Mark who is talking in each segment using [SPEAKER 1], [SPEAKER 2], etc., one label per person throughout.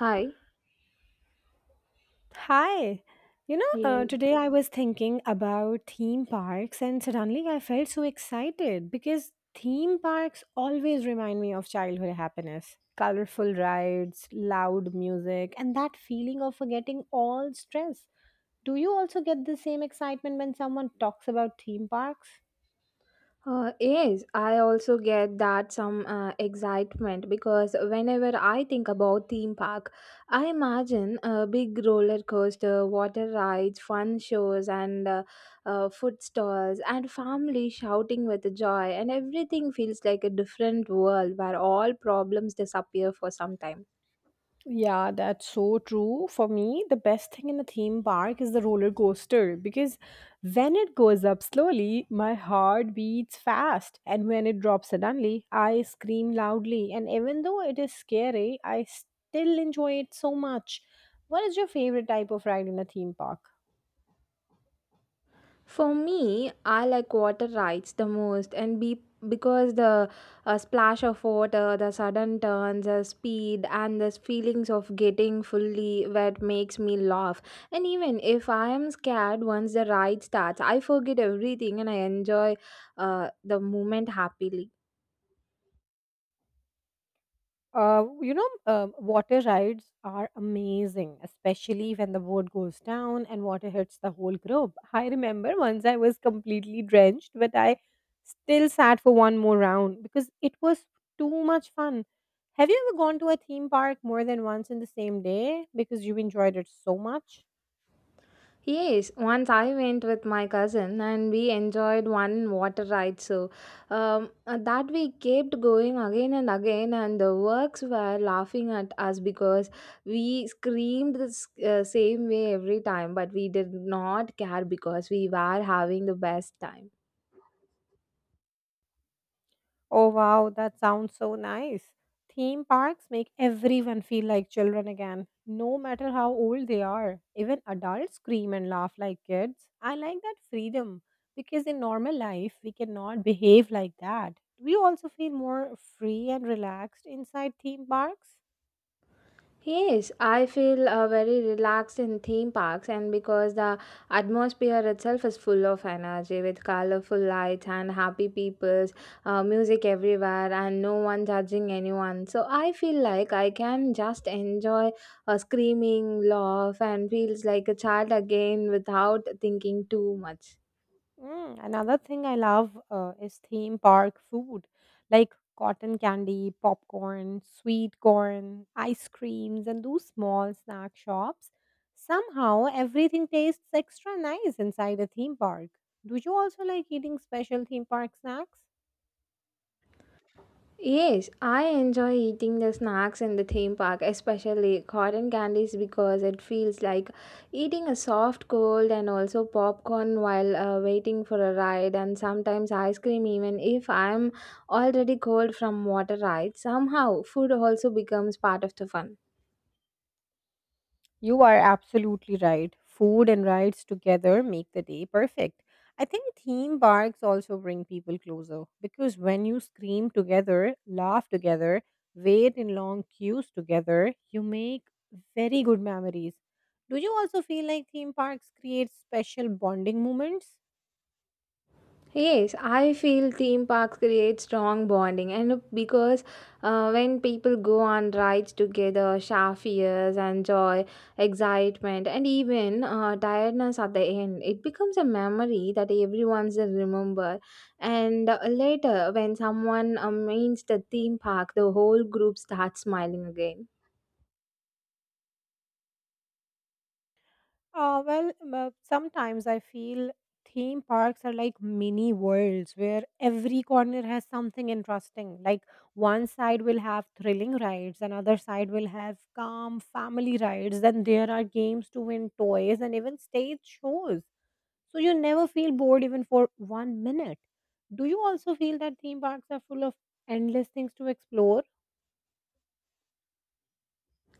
[SPEAKER 1] Hi.
[SPEAKER 2] Hi.
[SPEAKER 1] Yeah.
[SPEAKER 2] Today I was thinking about theme parks and suddenly I felt so excited because theme parks always remind me of childhood happiness. Colorful rides, loud music, and that feeling of forgetting all stress. Do you also get the same excitement when someone talks about theme parks?
[SPEAKER 1] Yes, I also get that some excitement because whenever I think about theme park, I imagine a big roller coaster, water rides, fun shows, and food stalls, and family shouting with joy, and everything feels like a different world where all problems disappear for some time.
[SPEAKER 2] Yeah, that's so true. For me, the best thing in a theme park is the roller coaster because when it goes up slowly, my heart beats fast, and when it drops suddenly, I scream loudly. And even though it is scary, I still enjoy it so much. What is your favorite type of ride in a theme park?
[SPEAKER 1] For me, I like water rides the most, and be because the splash of water, the sudden turns, the speed, and the feelings of getting fully wet makes me laugh. And even if I am scared, once the ride starts, I forget everything and I enjoy the moment happily.
[SPEAKER 2] Water rides are amazing, especially when the boat goes down and water hits the whole group. I remember once I was completely drenched, but I still sat for one more round because it was too much fun. Have you ever gone to a theme park more than once in the same day because you enjoyed it so much?
[SPEAKER 1] Yes, once I went with my cousin and we enjoyed one water ride. So that we kept going again and again, and the works were laughing at us because we screamed the same way every time, but we did not care because we were having the best time.
[SPEAKER 2] Oh wow, that sounds so nice. Theme parks make everyone feel like children again, no matter how old they are. Even adults scream and laugh like kids. I like that freedom because in normal life we cannot behave like that. Do you also feel more free and relaxed inside theme parks?
[SPEAKER 1] Yes, I feel very relaxed in theme parks, and because the atmosphere itself is full of energy with colorful lights and happy peoples, music everywhere, and no one judging anyone. So I feel like I can just enjoy a screaming laugh and feels like a child again without thinking too much.
[SPEAKER 2] Mm, another thing I love is theme park food like cotton candy, popcorn, sweet corn, ice creams, and those small snack shops. Somehow, everything tastes extra nice inside a theme park. Do you also like eating special theme park snacks?
[SPEAKER 1] Yes, I enjoy eating the snacks in the theme park, especially cotton candies, because it feels like eating a soft cold and also popcorn while waiting for a ride, and sometimes ice cream, even if I'm already cold from water rides. Somehow, food also becomes part of the fun.
[SPEAKER 2] You are absolutely right. Food and rides together make the day perfect. I think theme parks also bring people closer because when you scream together, laugh together, wait in long queues together, you make very good memories. Do you also feel like theme parks create special bonding moments?
[SPEAKER 1] Yes, I feel theme parks create strong bonding, and because when people go on rides together, share fears and joy, excitement, and even tiredness at the end, it becomes a memory that everyone's will remember. And later, when someone means the theme park, the whole group starts smiling again.
[SPEAKER 2] Sometimes I feel theme parks are like mini worlds where every corner has something interesting. Like one side will have thrilling rides, another side will have calm family rides, then there are games to win toys and even stage shows. So you never feel bored even for one minute. Do you also feel that theme parks are full of endless things to explore?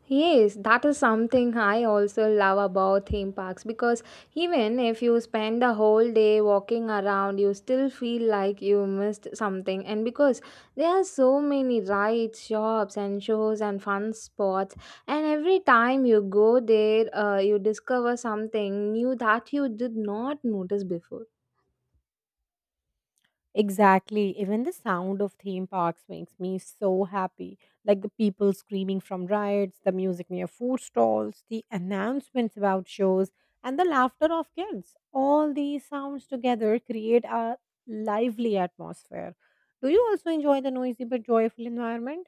[SPEAKER 1] Yes, that is something I also love about theme parks because even if you spend the whole day walking around, you still feel like you missed something. And because there are so many rides, shops, and shows and fun spots, and every time you go there, you discover something new that you did not notice before.
[SPEAKER 2] Exactly. Even the sound of theme parks makes me so happy. Like the people screaming from rides, the music near food stalls, the announcements about shows, and the laughter of kids. All these sounds together create a lively atmosphere. Do you also enjoy the noisy but joyful environment?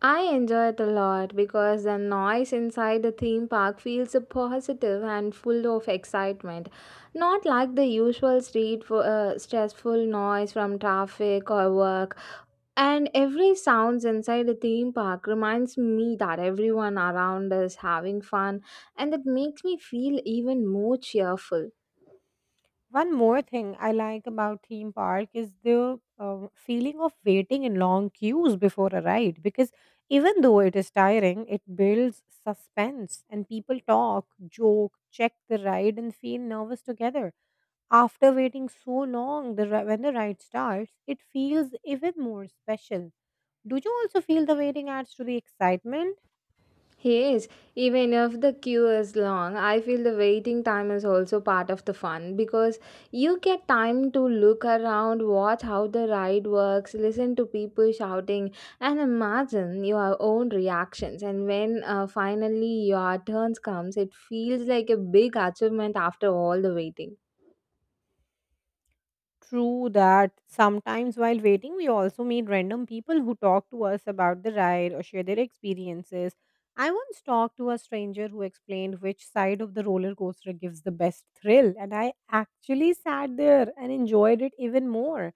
[SPEAKER 1] I enjoy it a lot because the noise inside the theme park feels positive and full of excitement. Not like the usual stressful noise from traffic or work. And every sounds inside the theme park reminds me that everyone around is having fun and it makes me feel even more cheerful.
[SPEAKER 2] One more thing I like about theme park is the feeling of waiting in long queues before a ride because even though it is tiring, it builds suspense and people talk, joke, check the ride, and feel nervous together. After waiting so long, when the ride starts, it feels even more special. Do you also feel the waiting adds to the excitement?
[SPEAKER 1] Yes, even if the queue is long, I feel the waiting time is also part of the fun because you get time to look around, watch how the ride works, listen to people shouting, and imagine your own reactions. And when finally your turns comes, it feels like a big achievement after all the waiting.
[SPEAKER 2] True that sometimes while waiting, we also meet random people who talk to us about the ride or share their experiences. I once talked to a stranger who explained which side of the roller coaster gives the best thrill, and I actually sat there and enjoyed it even more.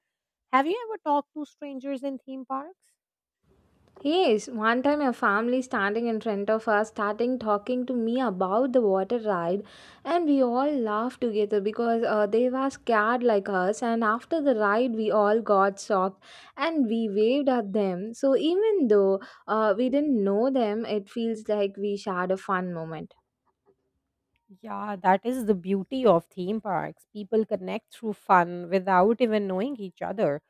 [SPEAKER 2] Have you ever talked to strangers in theme parks?
[SPEAKER 1] Yes, one time a family standing in front of us starting talking to me about the water ride, and we all laughed together because they were scared like us. And after the ride, we all got shocked and we waved at them. So even though we didn't know them, it feels like we shared a fun moment.
[SPEAKER 2] Yeah, that is the beauty of theme parks. People connect through fun without even knowing each other.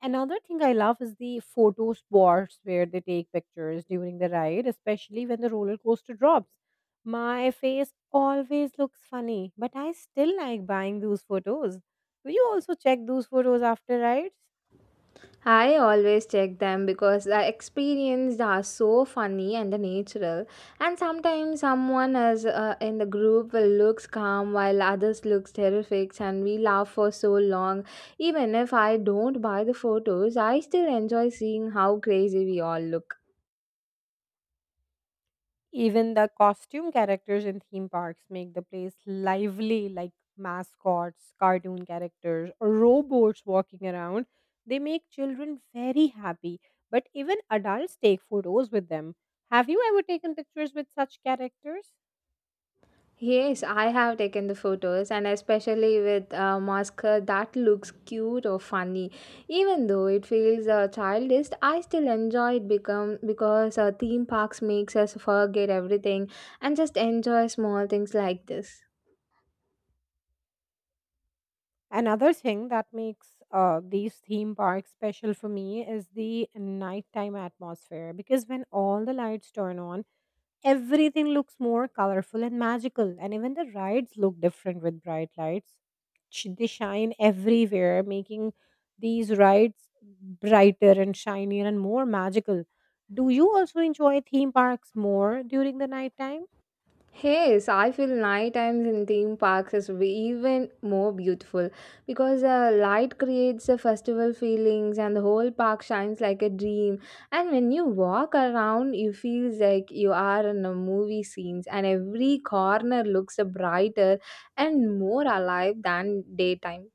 [SPEAKER 2] Another thing I love is the photo spots where they take pictures during the ride, especially when the roller coaster drops. My face always looks funny, but I still like buying those photos. Do you also check those photos after rides?
[SPEAKER 1] I always check them because the experiences are so funny and natural. And sometimes someone is in the group will looks calm while others looks terrific, and we laugh for so long. Even if I don't buy the photos, I still enjoy seeing how crazy we all look.
[SPEAKER 2] Even the costume characters in theme parks make the place lively, like mascots, cartoon characters, or robots walking around. They make children very happy, but even adults take photos with them. Have you ever taken pictures with such characters?
[SPEAKER 1] Yes, I have taken the photos, and especially with a mascara that looks cute or funny. Even though it feels childish, I still enjoy it become because theme parks makes us forget everything and just enjoy small things like this.
[SPEAKER 2] Another thing that makes these theme parks special for me is the nighttime atmosphere because when all the lights turn on, everything looks more colorful and magical, and even the rides look different with bright lights. They shine everywhere, making these rides brighter and shinier and more magical. Do you also enjoy theme parks more during the nighttime?
[SPEAKER 1] Yes, I feel night times in theme parks is even more beautiful because light creates a festival feelings and the whole park shines like a dream. And when you walk around, you feels like you are in a movie scenes, and every corner looks brighter and more alive than daytime.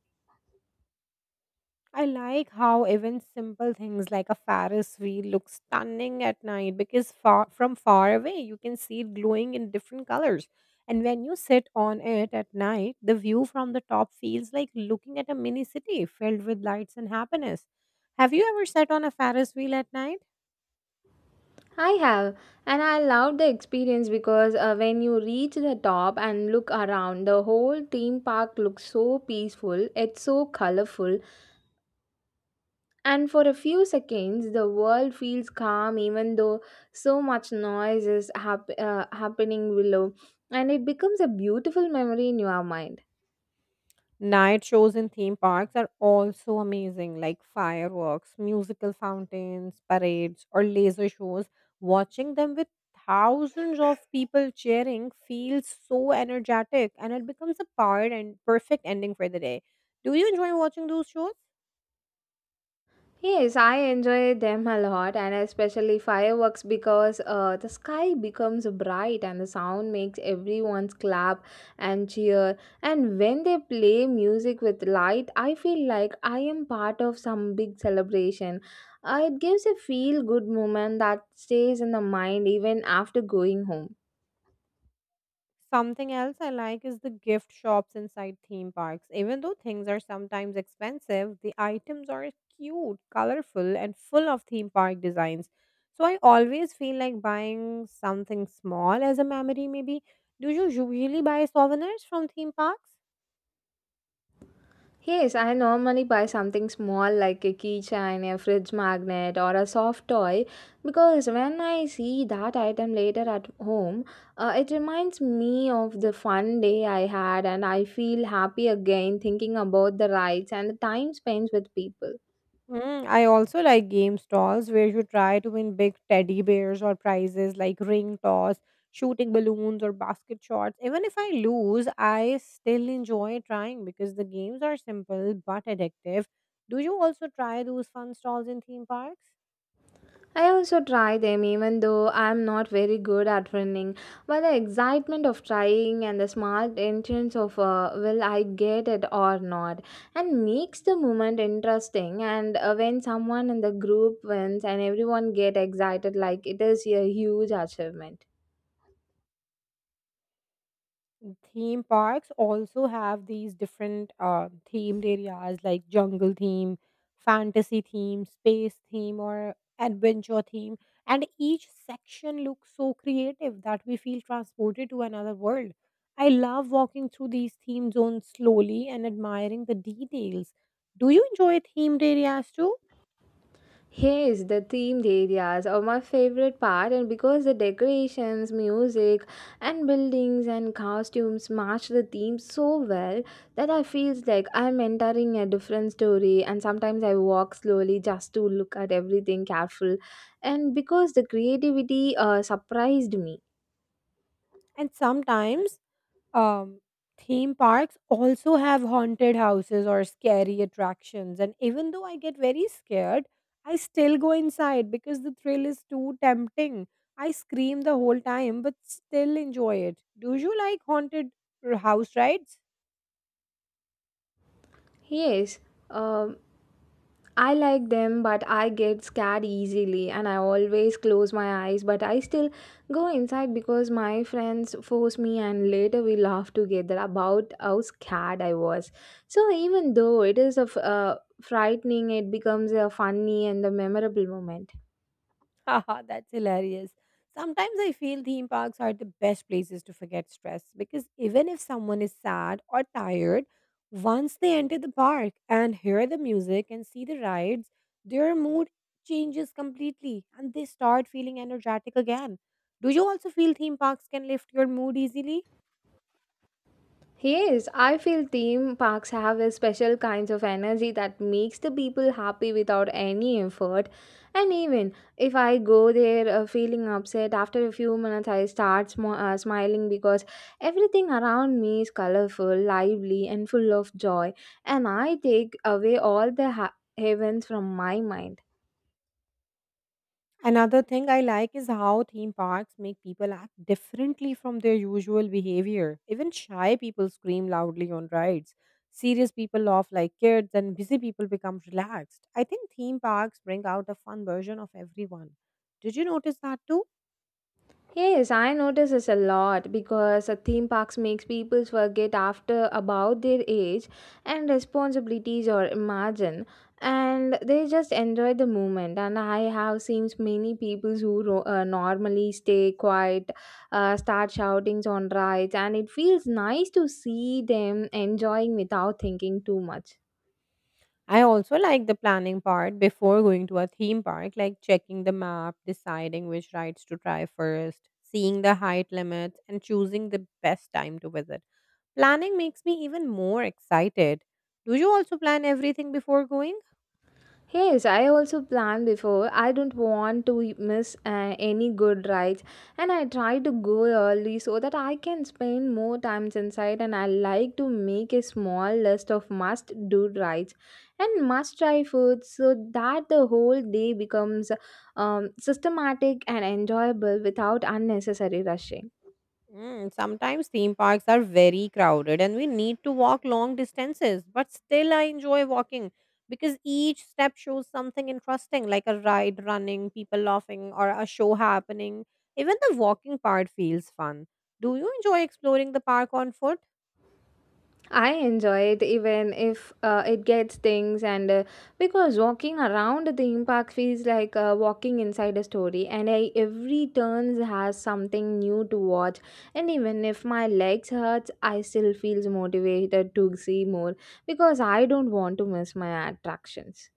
[SPEAKER 2] I like how even simple things like a Ferris wheel look stunning at night because far away you can see it glowing in different colors. And when you sit on it at night, the view from the top feels like looking at a mini city filled with lights and happiness. Have you ever sat on a Ferris wheel at night?
[SPEAKER 1] I have, and I love the experience because when you reach the top and look around, the whole theme park looks so peaceful. It's so colorful. And for a few seconds, the world feels calm even though so much noise is happening below, and it becomes a beautiful memory in your mind.
[SPEAKER 2] Night shows in theme parks are also amazing, like fireworks, musical fountains, parades, or laser shows. Watching them with thousands of people cheering feels so energetic and it becomes a part and perfect ending for the day. Do you enjoy watching those shows?
[SPEAKER 1] Yes, I enjoy them a lot, and especially fireworks because the sky becomes bright and the sound makes everyone clap and cheer. And when they play music with light, I feel like I am part of some big celebration. It gives a feel good moment that stays in the mind even after going home.
[SPEAKER 2] Something else I like is the gift shops inside theme parks. Even though things are sometimes expensive, the items are cute, colorful, and full of theme park designs. So I always feel like buying something small as a memory, maybe. Do you usually buy souvenirs from theme parks?
[SPEAKER 1] Yes, I normally buy something small like a keychain, a fridge magnet, or a soft toy because when I see that item later at home, it reminds me of the fun day I had and I feel happy again thinking about the rides and the time spent with people.
[SPEAKER 2] Mm, I also like game stalls where you try to win big teddy bears or prizes like ring toss, shooting balloons, or basket shots. Even if I lose, I still enjoy trying because the games are simple but addictive. Do you also try those fun stalls in theme parks?
[SPEAKER 1] I also try them even though I am not very good at running. But the excitement of trying and the small entrance of will I get it or not and makes the moment interesting and when someone in the group wins and everyone get excited like it is a huge achievement.
[SPEAKER 2] Theme parks also have these different themed areas like jungle theme, fantasy theme, space theme, or adventure theme. And each section looks so creative that we feel transported to another world. I love walking through these theme zones slowly and admiring the details. Do you enjoy themed areas too?
[SPEAKER 1] Yes, the themed areas are my favorite part, and because the decorations, music, and buildings and costumes match the theme so well that I feels like I'm entering a different story. And sometimes I walk slowly just to look at everything careful, and because the creativity surprised me.
[SPEAKER 2] And sometimes Um, Theme parks also have haunted houses or scary attractions. And even though I get very scared, I still go inside because the thrill is too tempting. I scream the whole time but still enjoy it. Do you like haunted house rides?
[SPEAKER 1] Yes. Um, I like them, but I get scared easily and I always close my eyes, but I still go inside because my friends force me and later we laugh together about how scared I was. So even though it is a frightening, it becomes a funny and a memorable moment.
[SPEAKER 2] Haha, that's hilarious. Sometimes I feel theme parks are the best places to forget stress because even if someone is sad or tired, once they enter the park and hear the music and see the rides, their mood changes completely and they start feeling energetic again. Do you also feel theme parks can lift your mood easily?
[SPEAKER 1] Yes, I feel theme parks have a special kinds of energy that makes the people happy without any effort. And even if I go there feeling upset, after a few minutes I start smiling because everything around me is colorful, lively, and full of joy. And I take away all the heavens from my mind.
[SPEAKER 2] Another thing I like is how theme parks make people act differently from their usual behavior. Even shy people scream loudly on rides. Serious people laugh like kids, and busy people become relaxed. I think theme parks bring out a fun version of everyone. Did you notice that too?
[SPEAKER 1] Yes, I notice this a lot because theme parks makes people forget after about their age and responsibilities or imagine and they just enjoy the moment and I have seen many people who normally stay quiet start shoutings on rides and it feels nice to see them enjoying without thinking too much.
[SPEAKER 2] I also like the planning part before going to a theme park, like checking the map, deciding which rides to try first, seeing the height limits, and choosing the best time to visit. Planning makes me even more excited. Do you also plan everything before going?
[SPEAKER 1] Yes, I also plan before. I don't want to miss any good rides, and I try to go early so that I can spend more times inside. And I like to make a small list of must-do rides and must-try foods so that the whole day becomes systematic and enjoyable without unnecessary rushing.
[SPEAKER 2] Mm, sometimes theme parks are very crowded and we need to walk long distances, but still I enjoy walking because each step shows something interesting like a ride running, people laughing, or a show happening. Even the walking part feels fun. Do you enjoy exploring the park on foot?
[SPEAKER 1] I enjoy it even if it gets things and because walking around the theme park feels like walking inside a story and I, every turn has something new to watch and even if my legs hurts I still feels motivated to see more because I don't want to miss my attractions.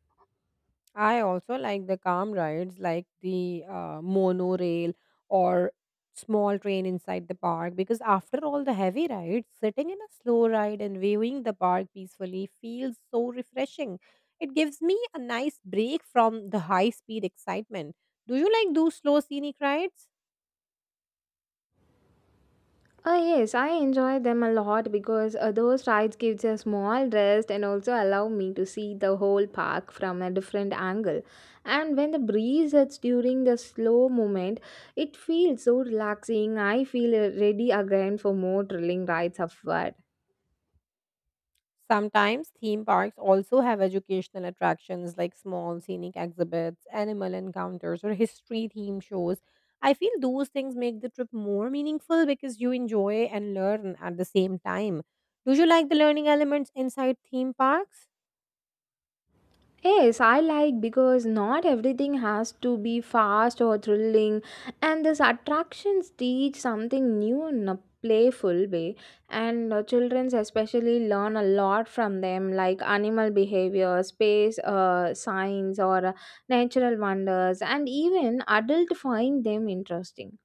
[SPEAKER 2] I also like the calm rides like the monorail or small train inside the park because after all the heavy rides, sitting in a slow ride and viewing the park peacefully feels so refreshing. It gives me a nice break from the high speed excitement. Do you like those slow scenic rides?
[SPEAKER 1] Yes, I enjoy them a lot because those rides gives a small rest and also allow me to see the whole park from a different angle. And when the breeze hits during the slow moment, it feels so relaxing. I feel ready again for more thrilling rides ahead.
[SPEAKER 2] Sometimes theme parks also have educational attractions like small scenic exhibits, animal encounters, or history theme shows. I feel those things make the trip more meaningful because you enjoy and learn at the same time. Do you like the learning elements inside theme parks?
[SPEAKER 1] Yes, I like because not everything has to be fast or thrilling, and these attractions teach something new in a playful way. And children especially learn a lot from them, like animal behavior, space science, or natural wonders, and even adults find them interesting.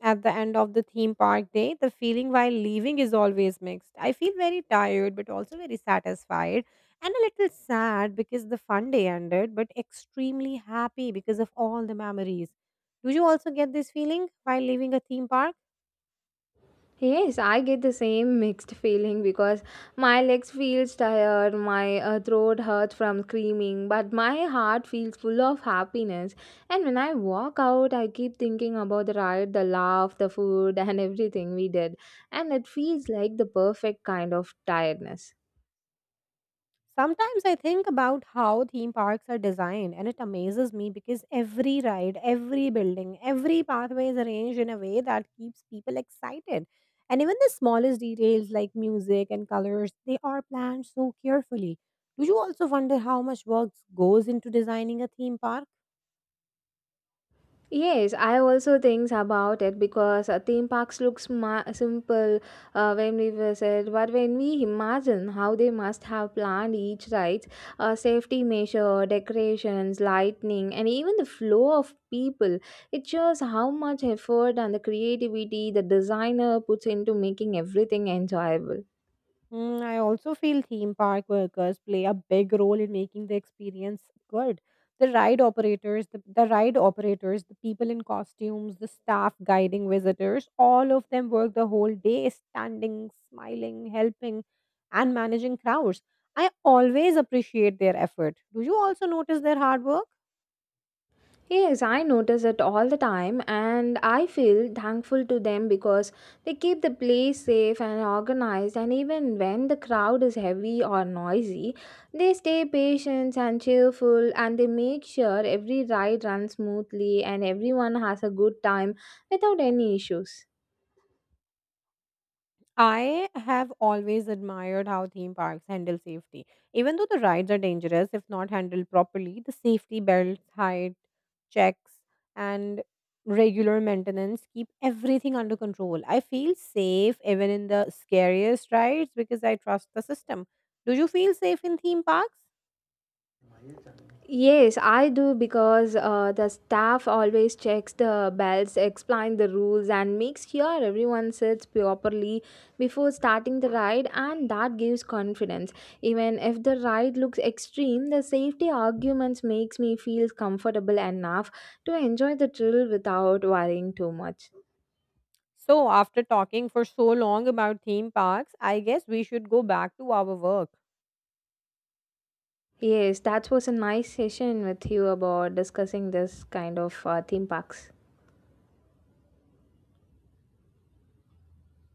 [SPEAKER 2] At the end of the theme park day, the feeling while leaving is always mixed. I feel very tired, but also very satisfied and a little sad because the fun day ended, but extremely happy because of all the memories. Do you also get this feeling while leaving a theme park?
[SPEAKER 1] Yes, I get the same mixed feeling because my legs feels tired, my throat hurts from screaming, but my heart feels full of happiness. And when I walk out, I keep thinking about the ride, the laugh, the food, and everything we did, and it feels like the perfect kind of tiredness.
[SPEAKER 2] Sometimes I think about how theme parks are designed, and it amazes me because every ride, every building, every pathway is arranged in a way that keeps people excited. And even the smallest details like music and colors, they are planned so carefully. Do you also wonder how much work goes into designing a theme park?
[SPEAKER 1] Yes, I also think about it because theme parks look sma simple when we visit, but when we imagine how they must have planned each ride, safety measure, decorations, lightning, and even the flow of people, it shows how much effort and the creativity the designer puts into making everything enjoyable.
[SPEAKER 2] Mm, I also feel theme park workers play a big role in making the experience good. The ride operators, the ride operators, the people in costumes, the staff guiding visitors, all of them work the whole day standing, smiling, helping, and managing crowds. I always appreciate their effort. Do you also notice their hard work?
[SPEAKER 1] Yes, I notice it all the time, and I feel thankful to them because they keep the place safe and organized. And even when the crowd is heavy or noisy, they stay patient and cheerful and they make sure every ride runs smoothly and everyone has a good time without any issues.
[SPEAKER 2] I have always admired how theme parks handle safety. Even though the rides are dangerous if not handled properly, the safety belts, height checks, and regular maintenance keep everything under control. I feel safe even in the scariest rides because I trust the system. Do you feel safe in theme parks?
[SPEAKER 1] Yes, I do because the staff always checks the bells, explain the rules, and makes sure everyone sits properly before starting the ride, and that gives confidence. Even if the ride looks extreme, the safety arguments makes me feel comfortable enough to enjoy the thrill without worrying too much.
[SPEAKER 2] So, after talking for so long about theme parks, I guess we should go back to our work.
[SPEAKER 1] Yes, that was a nice session with you about discussing this kind of theme parks.